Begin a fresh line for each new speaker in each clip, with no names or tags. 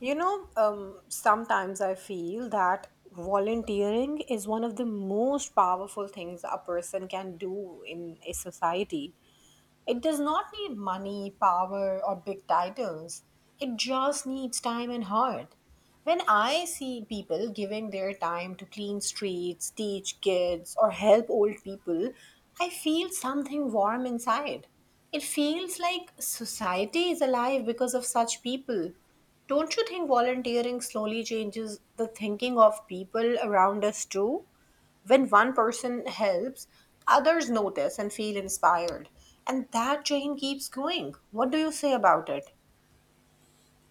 Sometimes I feel that volunteering is one of the most powerful things a person can do in a society. It does not need money, power, or big titles. It just needs time and heart. When I see people giving their time to clean streets, teach kids, or help old people, I feel something warm inside. It feels like society is alive because of such people. Don't you think volunteering slowly changes the thinking of people around us too? When one person helps, others notice and feel inspired. And that chain keeps going. What do you say about it?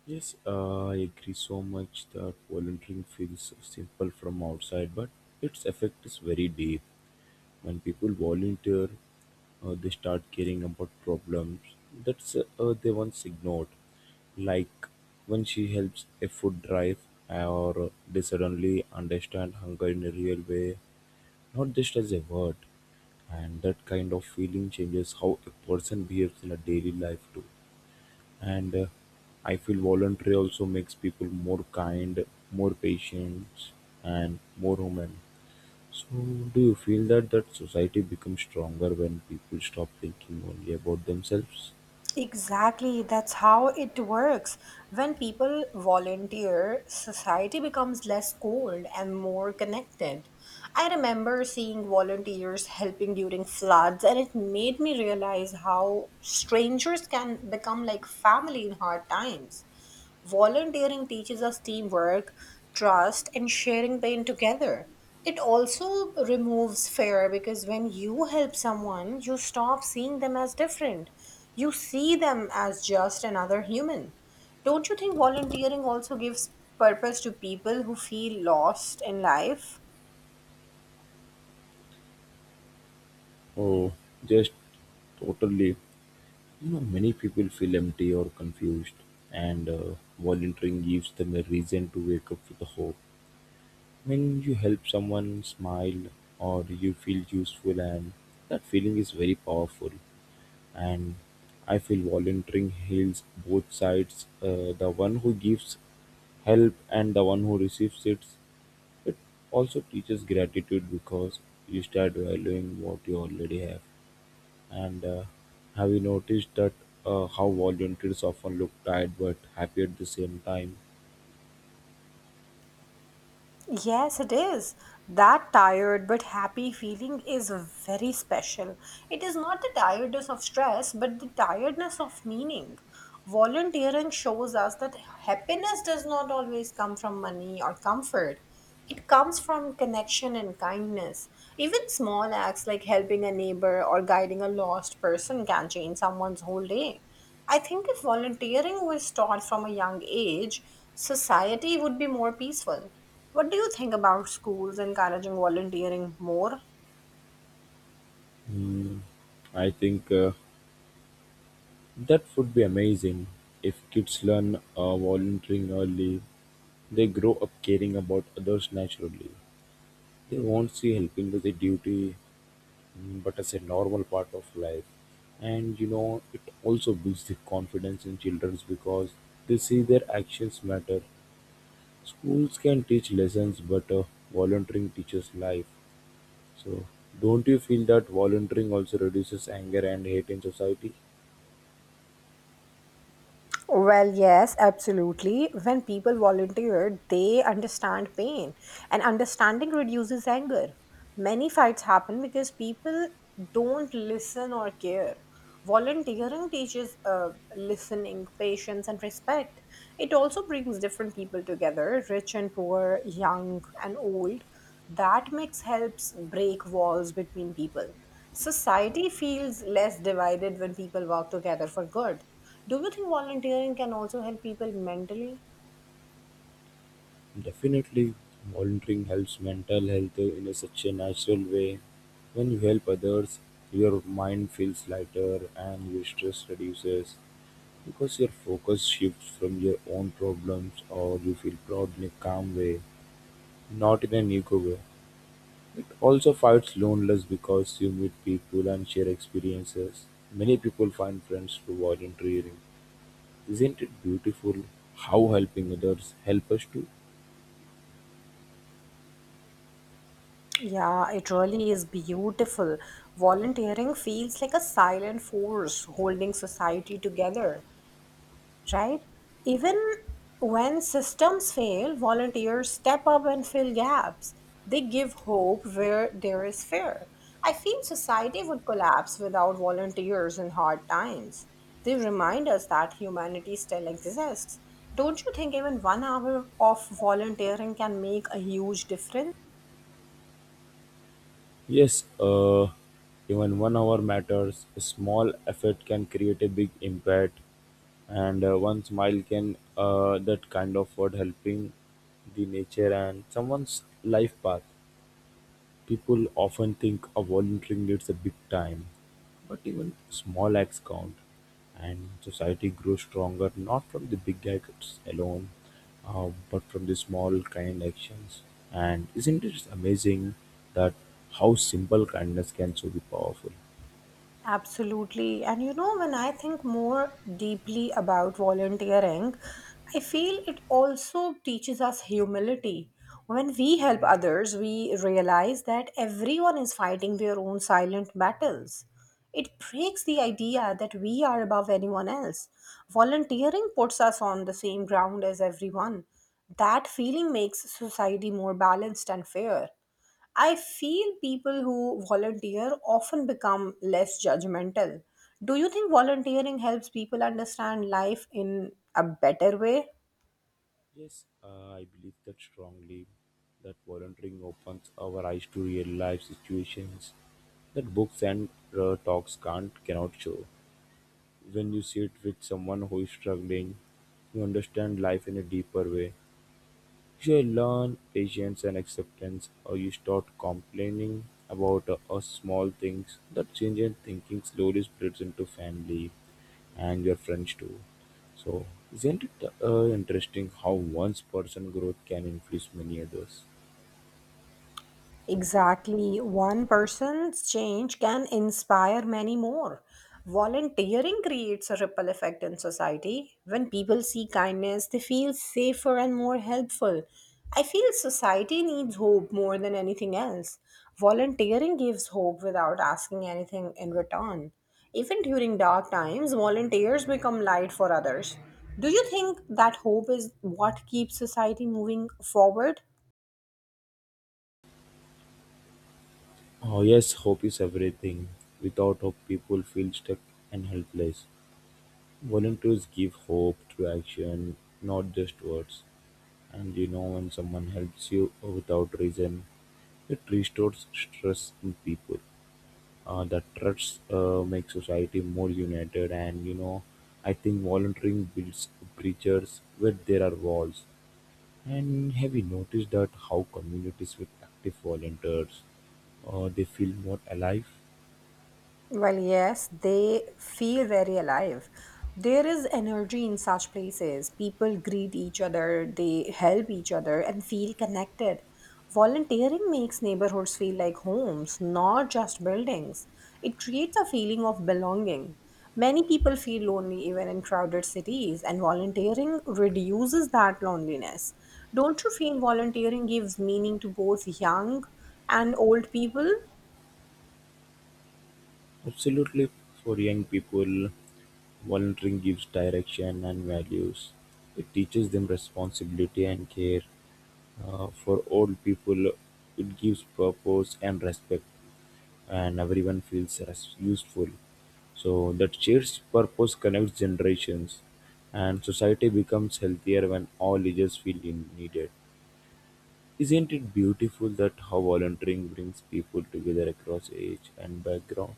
Yes, I agree so much that volunteering feels simple from outside, but its effect is very deep. When people volunteer, they start caring about problems that's they once ignored. Like when she helps a food drive, or they suddenly understand hunger in a real way, not just as a word. And that kind of feeling changes how a person behaves in a daily life too. And I feel voluntary also makes people more kind, more patient, and more human. So, do you feel that that society becomes stronger when people stop thinking only about themselves?
Exactly, that's how it works. When people volunteer, society becomes less cold and more connected. I remember seeing volunteers helping during floods, and it made me realize how strangers can become like family in hard times. Volunteering teaches us teamwork, trust, and sharing pain together. It also removes fear because when you help someone, you stop seeing them as different. You see them as just another human. Don't you think volunteering also gives purpose to people who feel lost in life?
Oh, just totally. You know, many people feel empty or confused, and volunteering gives them a reason to wake up with a hope. When you help someone smile, or you feel useful, and that feeling is very powerful. And I feel volunteering heals both sides. The one who gives help and the one who receives it. It also teaches gratitude because you start valuing what you already have. And have you noticed that how volunteers often look tired but happy at the same time?
Yes, it is. That tired but happy feeling is very special. It is not the tiredness of stress, but the tiredness of meaning. Volunteering shows us that happiness does not always come from money or comfort. It comes from connection and kindness. Even small acts like helping a neighbor or guiding a lost person can change someone's whole day. I think if volunteering was taught from a young age, society would be more peaceful. What do you think about schools encouraging volunteering more?
Hmm, I think that would be amazing if kids learn volunteering early. They grow up caring about others naturally. They won't see helping with a duty, but as a normal part of life. And you know, it also builds the confidence in children because they see their actions matter. Schools can teach lessons, but volunteering teaches life. So, don't you feel that volunteering also reduces anger and hate in society?
Well, yes, absolutely. When people volunteer, they understand pain, and understanding reduces anger. Many fights happen because people don't listen or care. Volunteering teaches listening, patience, and respect. It also brings different people together, rich and poor, young and old. That mix helps break walls between people. Society feels less divided when people work together for good. Do you think volunteering can also help people mentally?
Definitely, volunteering helps mental health in a such a natural way. When you help others, your mind feels lighter and your stress reduces. Because your focus shifts from your own problems, or you feel proud in a calm way, not in an ego way. It also fights loneliness because you meet people and share experiences. Many people find friends through volunteering. Isn't it beautiful how helping others help us to
Yeah, it really is beautiful. Volunteering feels like a silent force holding society together, right? Even when systems fail, volunteers step up and fill gaps. They give hope where there is fear. I feel society would collapse without volunteers in hard times. They remind us that humanity still exists. Don't you think even 1 hour of volunteering can make a huge difference?
Yes, even 1 hour matters. A small effort can create a big impact, and one smile can that kind of word helping the nature and someone's life path. People often think of volunteering needs a big time, but even small acts count, and society grows stronger not from the big acts alone, but from the small kind actions. And isn't it amazing that how simple kindness can so be powerful?
Absolutely. And you know, when I think more deeply about volunteering, I feel it also teaches us humility. When we help others, we realize that everyone is fighting their own silent battles. It breaks the idea that we are above anyone else. Volunteering puts us on the same ground as everyone. That feeling makes society more balanced and fair. I feel people who volunteer often become less judgmental. Do you think volunteering helps people understand life in a better way?
Yes, I believe that strongly. That volunteering opens our eyes to real life situations that books and talks can't cannot show. When you sit with someone who is struggling, you understand life in a deeper way. You learn patience and acceptance, or you start complaining about small things. That change in thinking slowly spreads into family and your friends too. So, isn't it interesting how one's person growth can influence many others?
Exactly. One person's change can inspire many more. Volunteering creates a ripple effect in society. When people see kindness, they feel safer and more helpful. I feel society needs hope more than anything else. Volunteering gives hope without asking anything in return. Even during dark times, volunteers become light for others. Do you think that hope is what keeps society moving forward?
Oh, yes, hope is everything. Without hope, people feel stuck and helpless. Volunteers give hope through action, not just words. And you know, when someone helps you without reason, it restores trust in people. That trust makes society more united. And you know, I think volunteering builds bridges where there are walls. And have you noticed that how communities with active volunteers, they feel more alive?
Well, yes, they feel very alive. There is energy in such places. People greet each other, they help each other, and feel connected. Volunteering makes neighborhoods feel like homes, not just buildings. It creates a feeling of belonging. Many people feel lonely even in crowded cities, and volunteering reduces that loneliness. Don't you feel volunteering gives meaning to both young and old people?
Absolutely, for young people, volunteering gives direction and values. It teaches them responsibility and care. For old people, it gives purpose and respect, and everyone feels useful. So that shared purpose connects generations, and society becomes healthier when all ages feel needed. Isn't it beautiful that how volunteering brings people together across age and background?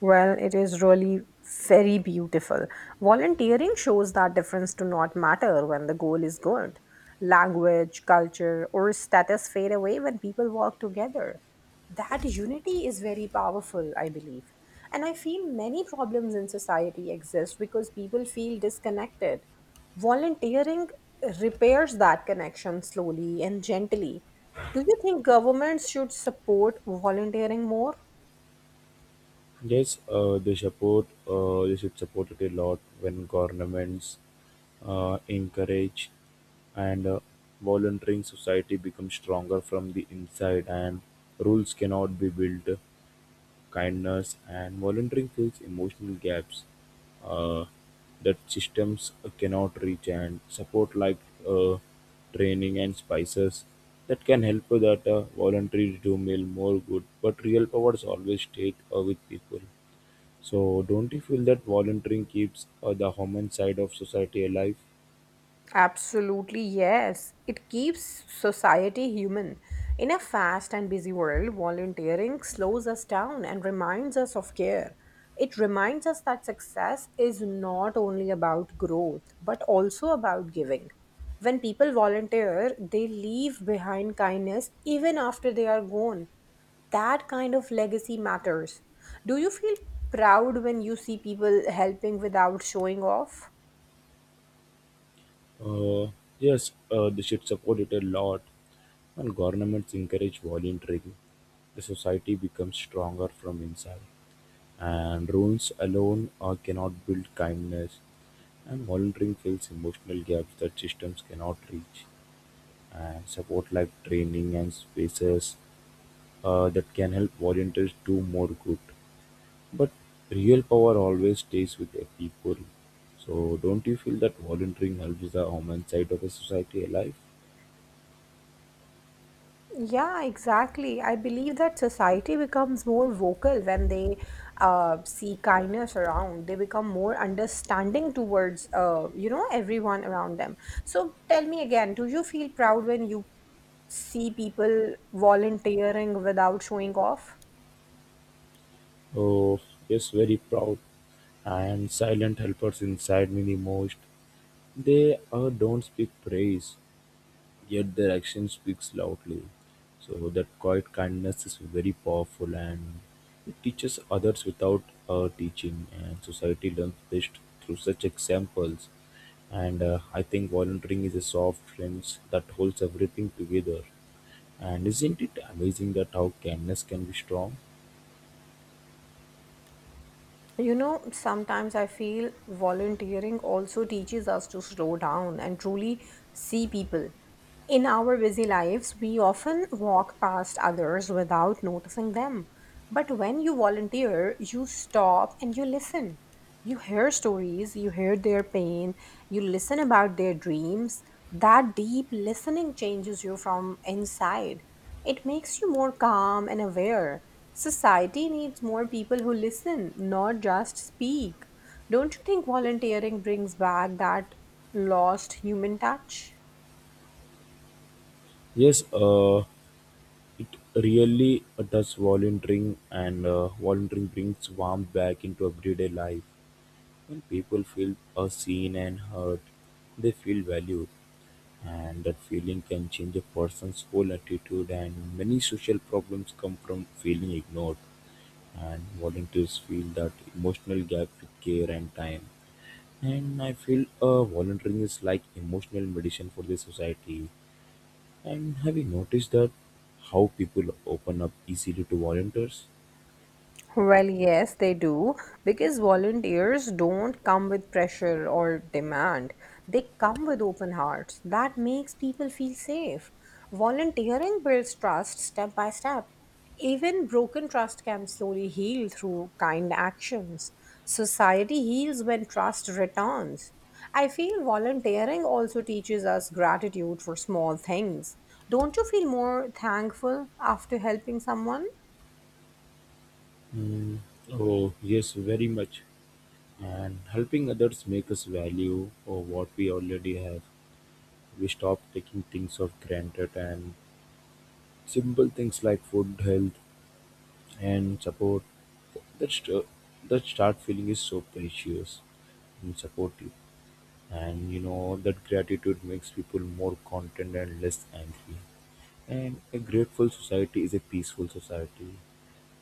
Well, it is really very beautiful. Volunteering shows that difference do not matter when the goal is good. Language, culture, or status fade away when people work together. That unity is very powerful, I believe. And I feel many problems in society exist because people feel disconnected. Volunteering repairs that connection slowly and gently. Do you think governments should support volunteering more?
Yes, they support. They should support it a lot when governments encourage and volunteering society becomes stronger from the inside, and rules cannot be built. Kindness and volunteering fills emotional gaps uh, that systems cannot reach, and support like uh, training and spices that can help that volunteers do meal more good, but real powers always stay with people. So, don't you feel that volunteering keeps the human side of society alive?
Absolutely, yes. It keeps society human. In a fast and busy world, volunteering slows us down and reminds us of care. It reminds us that success is not only about growth, but also about giving. When people volunteer, they leave behind kindness even after they are gone. That kind of legacy matters. Do you feel proud when you see people helping without showing off?
Uh, yes, they should support it a lot. When governments encourage volunteering, the society becomes stronger from inside. And rules alone cannot build kindness. And volunteering fills emotional gaps that systems cannot reach. And support like training and spaces that can help volunteers do more good. But real power always stays with the people. So don't you feel that volunteering helps the human side of a society alive?
Yeah, exactly. I believe that society becomes more vocal when they see kindness around. They become more understanding towards, everyone around them. So tell me again, do you feel proud when you see people volunteering without showing off?
Oh, yes, very proud. And silent helpers inside me the most. They don't speak praise, yet their action speaks loudly. So that quiet kindness is very powerful, and it teaches others without teaching, and society learns best through such examples. And I think volunteering is a soft lens that holds everything together. And isn't it amazing that how kindness can be strong?
You know, sometimes I feel volunteering also teaches us to slow down and truly see people. In our busy lives, we often walk past others without noticing them. But when you volunteer, you stop and you listen, you hear stories, you hear their pain, you listen about their dreams. That deep listening changes you from inside. It makes you more calm and aware. Society needs more people who listen, not just speak. Don't you think volunteering brings back that lost human touch?
Yes, it really does volunteering brings warmth back into everyday life. When people feel are seen and heard, they feel valued, and that feeling can change a person's whole attitude. And many social problems come from feeling ignored, and volunteers feel that emotional gap with care and time. And I feel volunteering is like emotional medicine for the society. And have you noticed that how people open up easily to volunteers?
Well, yes, they do, because volunteers don't come with pressure or demand. They come with open hearts. That makes people feel safe. Volunteering builds trust step by step. Even broken trust can slowly heal through kind actions. Society heals when trust returns. I feel volunteering also teaches us gratitude for small things. Don't you feel more thankful after helping someone?
Mm, oh, yes, very much. And helping others make us value or what we already have. We stop taking things for granted, and simple things like food, health, and support, that st- that start feeling is so precious and supportive. And you know that gratitude makes people more content and less angry. And a grateful society is a peaceful society.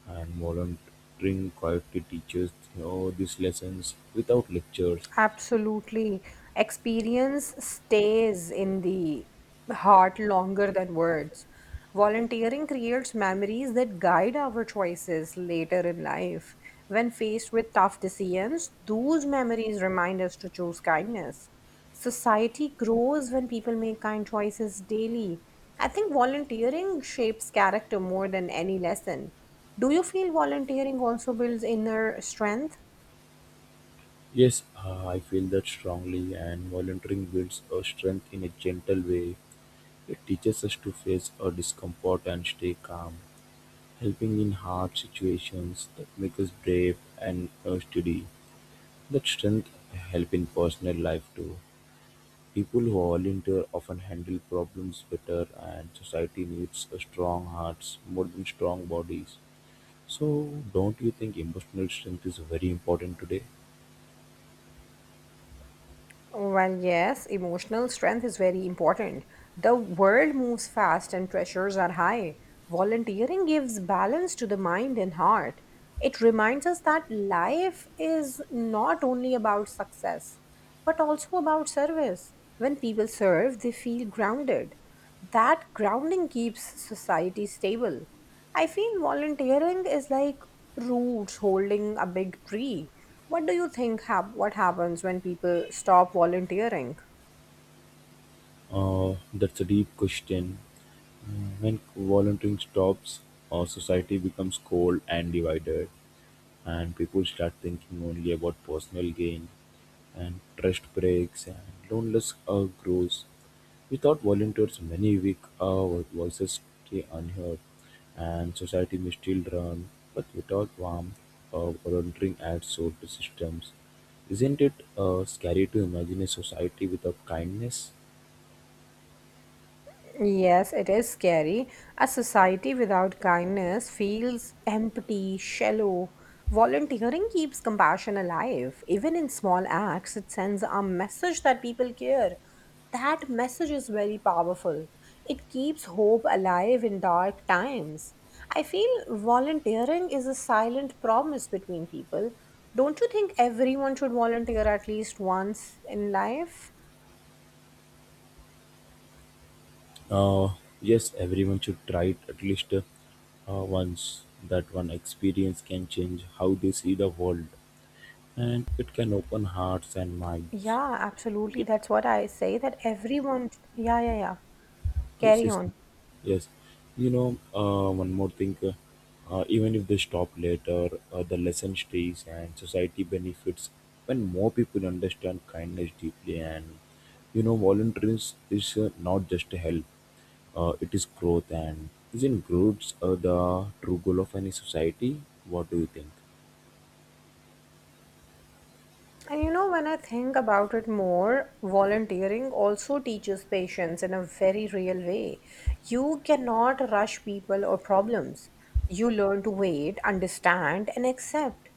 And volunteering quietly teaches, you know, these lessons without lectures.
Absolutely. Experience stays in the heart longer than words. Volunteering creates memories that guide our choices later in life. When faced with tough decisions, those memories remind us to choose kindness. Society grows when people make kind choices daily. I think volunteering shapes character more than any lesson. Do you feel volunteering also builds inner strength?
Yes, I feel that strongly, and volunteering builds our strength in a gentle way. It teaches us to face our discomfort and stay calm, helping in hard situations that make us brave and steady. That strength help in personal life too. People who volunteer often handle problems better, and society needs a strong hearts more than strong bodies. So, don't you think emotional strength is very important today?
Well, yes, emotional strength is very important. The world moves fast and pressures are high. Volunteering gives balance to the mind and heart. It reminds us that life is not only about success, but also about service. When people serve, they feel grounded. That grounding keeps society stable. I feel volunteering is like roots holding a big tree. What do you think hap- What happens when people stop volunteering?
That's a deep question. When volunteering stops, our society becomes cold and divided, and people start thinking only about personal gain, and trust breaks, and loneliness grows. Without volunteers, many weak voices stay unheard, and society may still run, but without warmth. Volunteering adds soul to systems. Isn't it scary to imagine a society without kindness?
Yes, it is scary. A society without kindness feels empty, shallow. Volunteering keeps compassion alive. Even in small acts, it sends a message that people care. That message is very powerful. It keeps hope alive in dark times. I feel volunteering is a silent promise between people. Don't you think everyone should volunteer at least once in life?
Uh, yes, everyone should try it at least once. That one experience can change how they see the world, and it can open hearts and minds.
Yeah, absolutely. That's what I say, that everyone, yeah, yeah, yeah.
Yes,
Carry
yes,
on.
yes. You know, one more thing. Even if they stop later, the lesson stays, and society benefits when more people understand kindness deeply. And you know, volunteering is not just a help; it is growth. And isn't growth the true goal of any society? What do you think?
And you know, when I think about it more, volunteering also teaches patience in a very real way. You cannot rush people or problems. You learn to wait, understand, and accept.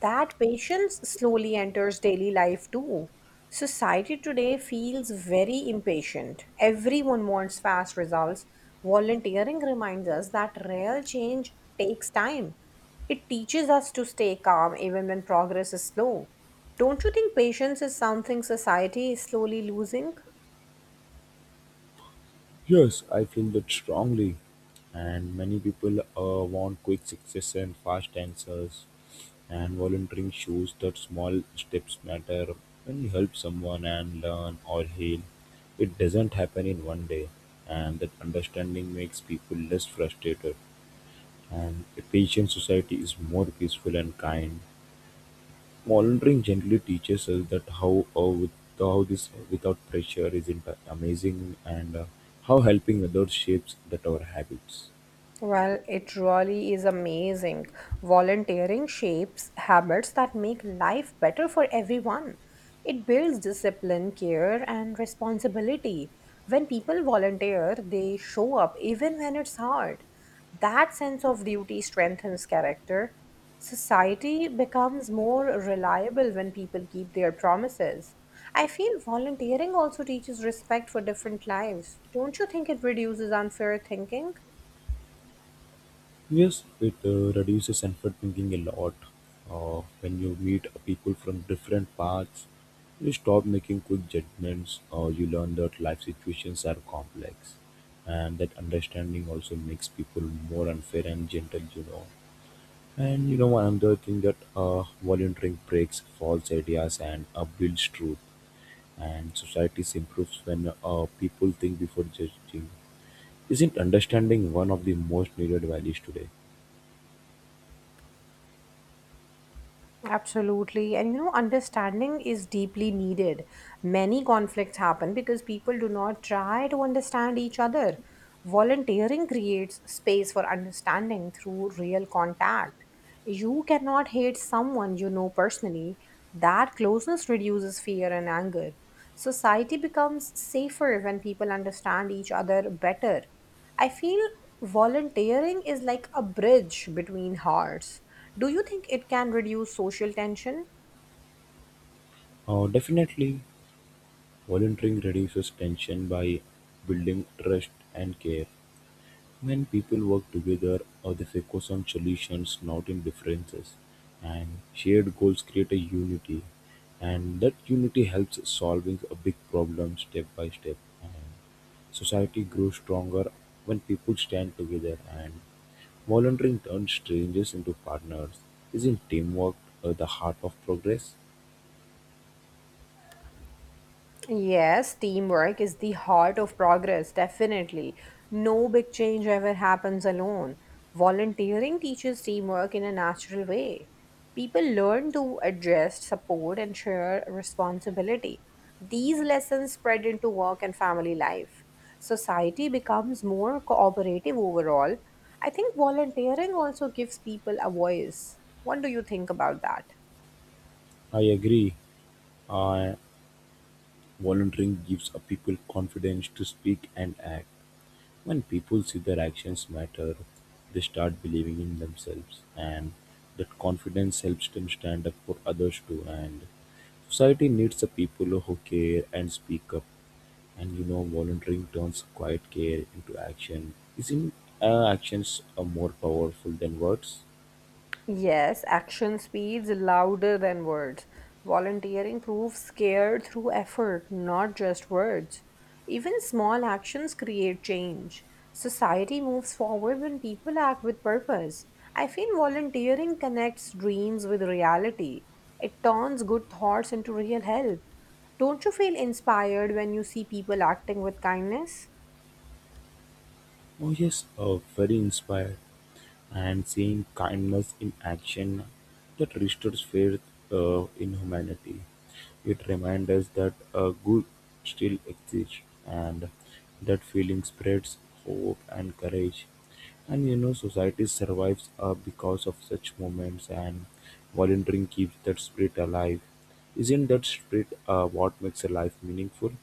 That patience slowly enters daily life too. Society today feels very impatient. Everyone wants fast results. Volunteering reminds us that real change takes time. It teaches us to stay calm even when progress is slow. Don't you think patience is something society is slowly losing?
Yes, I feel that strongly. And many people want quick success and fast answers. And volunteering shows that small steps matter. When you help someone and learn or heal, it doesn't happen in one day. And that understanding makes people less frustrated. And a patient society is more peaceful and kind. Mouldering gently teaches us that how how this without pressure is in amazing, and how helping others shapes that our habits.
Well, it really is amazing. Volunteering shapes habits that make life better for everyone. It builds discipline, care, and responsibility. When people volunteer, they show up even when it's hard. That sense of duty strengthens character. Society becomes more reliable when people keep their promises. I feel volunteering also teaches respect for different lives. Don't you think it reduces unfair thinking?
Yes, it reduces effort thinking a lot. When you meet people from different paths, you stop making quick judgments, or you learn that life situations are complex, and that understanding also makes people more unfair and gentle, you know. And you know, another thing that volunteering breaks false ideas and builds truth, and societies improves when people think before judging. Isn't understanding one of the most needed values today?
Absolutely. And you know, understanding is deeply needed. Many conflicts happen because people do not try to understand each other. Volunteering creates space for understanding through real contact. You cannot hate someone you know personally. That closeness reduces fear and anger. Society becomes safer when people understand each other better. I feel volunteering is like a bridge between hearts. Do you think it can reduce social tension?
Definitely, volunteering reduces tension by building trust and care. When people work together, they focus on solutions, not in differences. And shared goals create a unity, and that unity helps solving a big problem step by step. And society grows stronger when people stand together. And volunteering turns strangers into partners. Isn't teamwork the heart of progress?
Yes, teamwork is the heart of progress, definitely. No big change ever happens alone. Volunteering teaches teamwork in a natural way. People learn to adjust, support, and share responsibility. These lessons spread into work and family life. Society becomes more cooperative overall. I think volunteering also gives people a voice. What do you think about that?
I agree. Uh, Volunteering gives a people confidence to speak and act. When people see their actions matter, they start believing in themselves, and that confidence helps them stand up for others too. And society needs the people who care and speak up. And you know, volunteering turns quiet care into action. Isn't actions more powerful than words?
Yes, action speeds louder than words. Volunteering proves care through effort, not just words. Even small actions create change. Society moves forward when people act with purpose. I feel volunteering connects dreams with reality. It turns good thoughts into real help. Don't you feel inspired when you see people acting with kindness?
Oh, yes, very inspired. And seeing kindness in action, that restores faith in humanity. It reminds us that good still exists, and that feeling spreads hope and courage. And you know, society survives because of such moments, and volunteering keeps that spirit alive. Isn't that spirit what makes a life meaningful?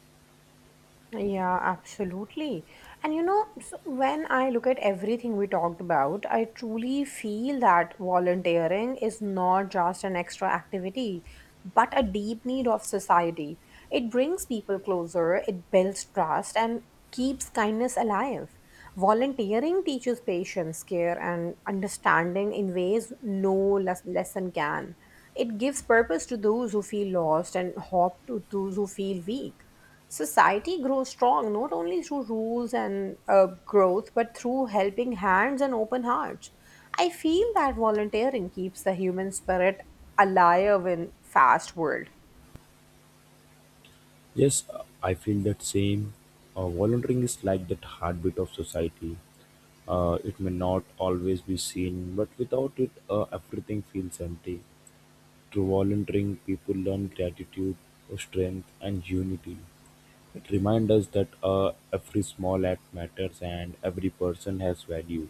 Yeah, absolutely. And you know, so when I look at everything we talked about, I truly feel that volunteering is not just an extra activity, but a deep need of society. It brings people closer, it builds trust, and keeps kindness alive. Volunteering teaches patience, care, and understanding in ways no lesson can. It gives purpose to those who feel lost and hope to those who feel weak. Society grows strong not only through rules and growth, but through helping hands and open hearts. I feel that volunteering keeps the human spirit alive in fast world.
Yes, I feel that same. Volunteering is like that heartbeat of society. It may not always be seen, but without it, everything feels empty. Through volunteering, people learn gratitude, strength, and unity. It reminds us that every small act matters and every person has value.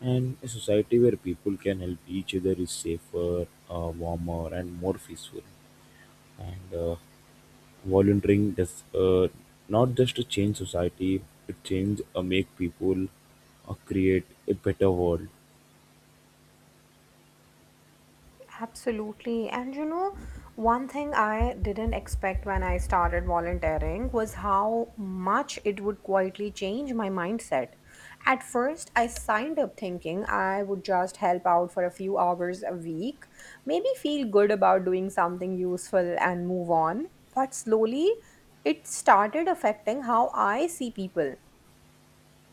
And a society where people can help each other is safer, warmer, and more peaceful. And volunteering does not just to change society, it change make people create a better world.
Absolutely. And you know, one thing I didn't expect when I started volunteering was how much it would quietly change my mindset. At first, I signed up thinking I would just help out for a few hours a week, maybe feel good about doing something useful and move on. But slowly, it started affecting how I see people,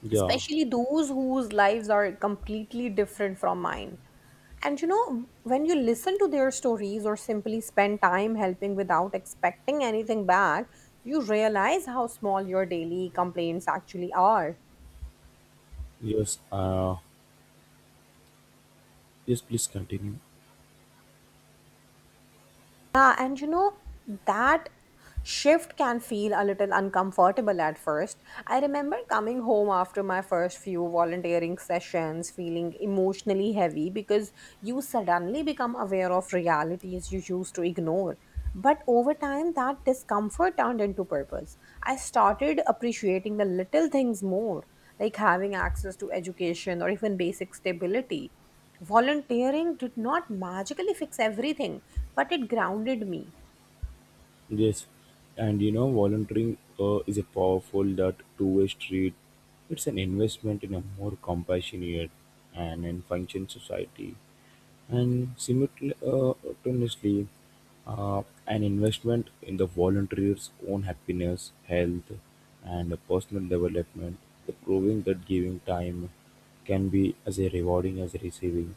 Yeah.
especially those whose lives are completely different from mine. And you know, when you listen to their stories or simply spend time helping without expecting anything back, you realize how small your daily complaints actually are.
Yes. Yes. Please continue.
Yeah, and you know, that shift can feel a little uncomfortable at first. I remember coming home after my first few volunteering sessions feeling emotionally heavy because you suddenly become aware of realities you used to ignore. But over time, that discomfort turned into purpose. I started appreciating the little things more, like having access to education or even basic stability. Volunteering did not magically fix everything, but it grounded me.
Yes. And you know, volunteering is a powerful that two-way street. It's an investment in a more compassionate and in function society. And simultaneously, an investment in the volunteer's own happiness, health, and personal development, the proving that giving time can be as rewarding as receiving.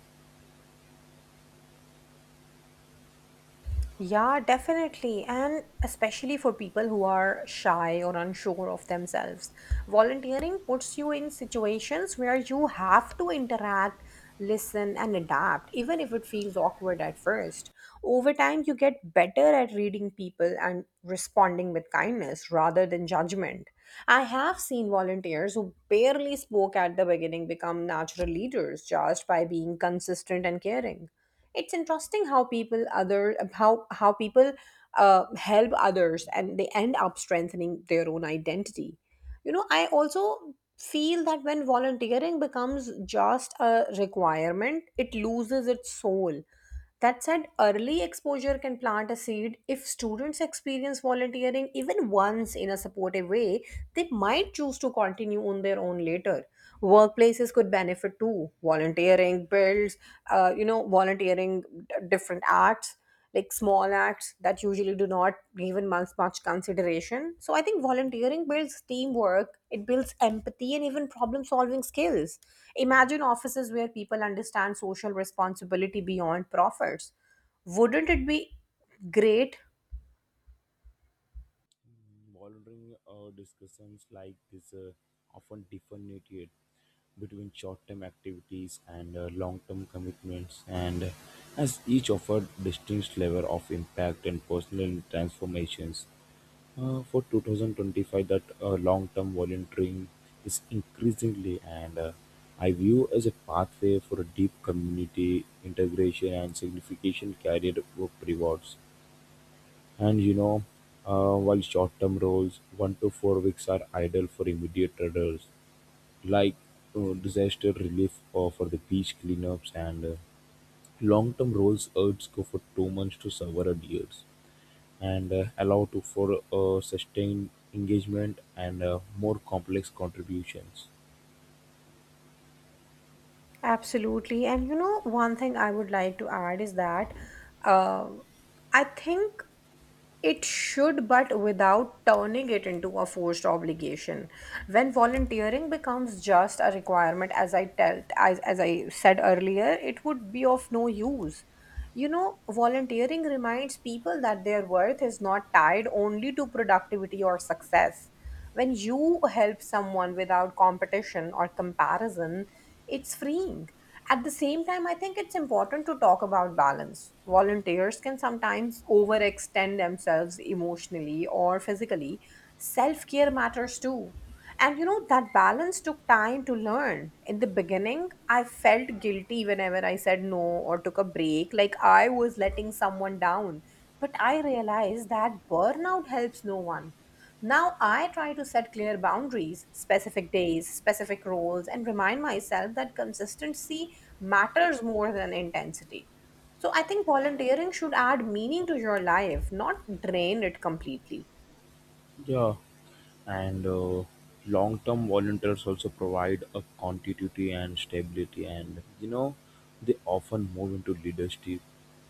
Yeah, definitely. And especially for people who are shy or unsure of themselves, volunteering puts you in situations where you have to interact, listen, and adapt, even if it feels awkward at first. Over time, you get better at reading people and responding with kindness rather than judgment. I have seen volunteers who barely spoke at the beginning become natural leaders just by being consistent and caring. It's interesting how people help others and they end up strengthening their own identity. You know, I also feel that when volunteering becomes just a requirement, it loses its soul. That said, early exposure can plant a seed. If students experience volunteering even once in a supportive way, they might choose to continue on their own later. Workplaces could benefit too. Volunteering builds, you know, volunteering d- Different acts like small acts that usually do not given much consideration. So I think volunteering builds teamwork, it builds empathy and even problem solving skills. Imagine offices where people understand social responsibility beyond profits. Wouldn't it be great?
Volunteering discussions like this often differentiate between short-term activities and long-term commitments, and as each offer distinct level of impact and personal transformations. For 2025, that long-term volunteering is increasingly, and I view as a pathway for a deep community integration and significant career work rewards. And you know, while short-term roles, 1 to 4 weeks, are ideal for immediate traders, like disaster relief or for the beach cleanups, and long-term roles urge go for 2 months to several years, and allow to for sustained engagement and more complex contributions.
Absolutely. And you know, one thing I would like to add is that uh, I think it should, but without turning it into a forced obligation. When volunteering becomes just a requirement, as I said earlier, it would be of no use. You know, volunteering reminds people that their worth is not tied only to productivity or success. When you help someone without competition or comparison, it's freeing. At the same time, I think it's important to talk about balance. Volunteers can sometimes overextend themselves emotionally or physically. Self care matters too. And you know, that balance took time to learn. In the beginning, I felt guilty whenever I said no or took a break, like I was letting someone down. But I realized that burnout helps no one. Now I try to set clear boundaries, specific days, specific roles, and remind myself that consistency matters more than intensity. So I think volunteering should add meaning to your life, not drain it completely.
Yeah, and long-term volunteers also provide a continuity and stability. And you know, they often move into leadership,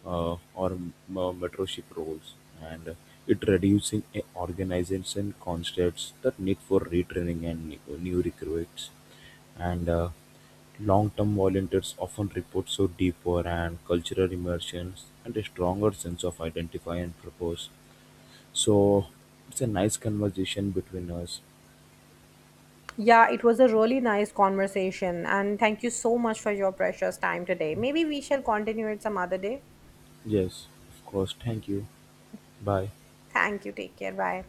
or mentorship roles, and it reducing a organization constraints that need for retraining and new recruits. And long-term volunteers often report so deeper and cultural immersions and a stronger sense of identify and purpose. So it's a nice conversation between us.
Yeah, it was a really nice conversation, and thank you so much for your precious time today. Maybe we shall continue it some other day.
Yes, of course, thank you. Bye.
Thank you. Take care. Bye.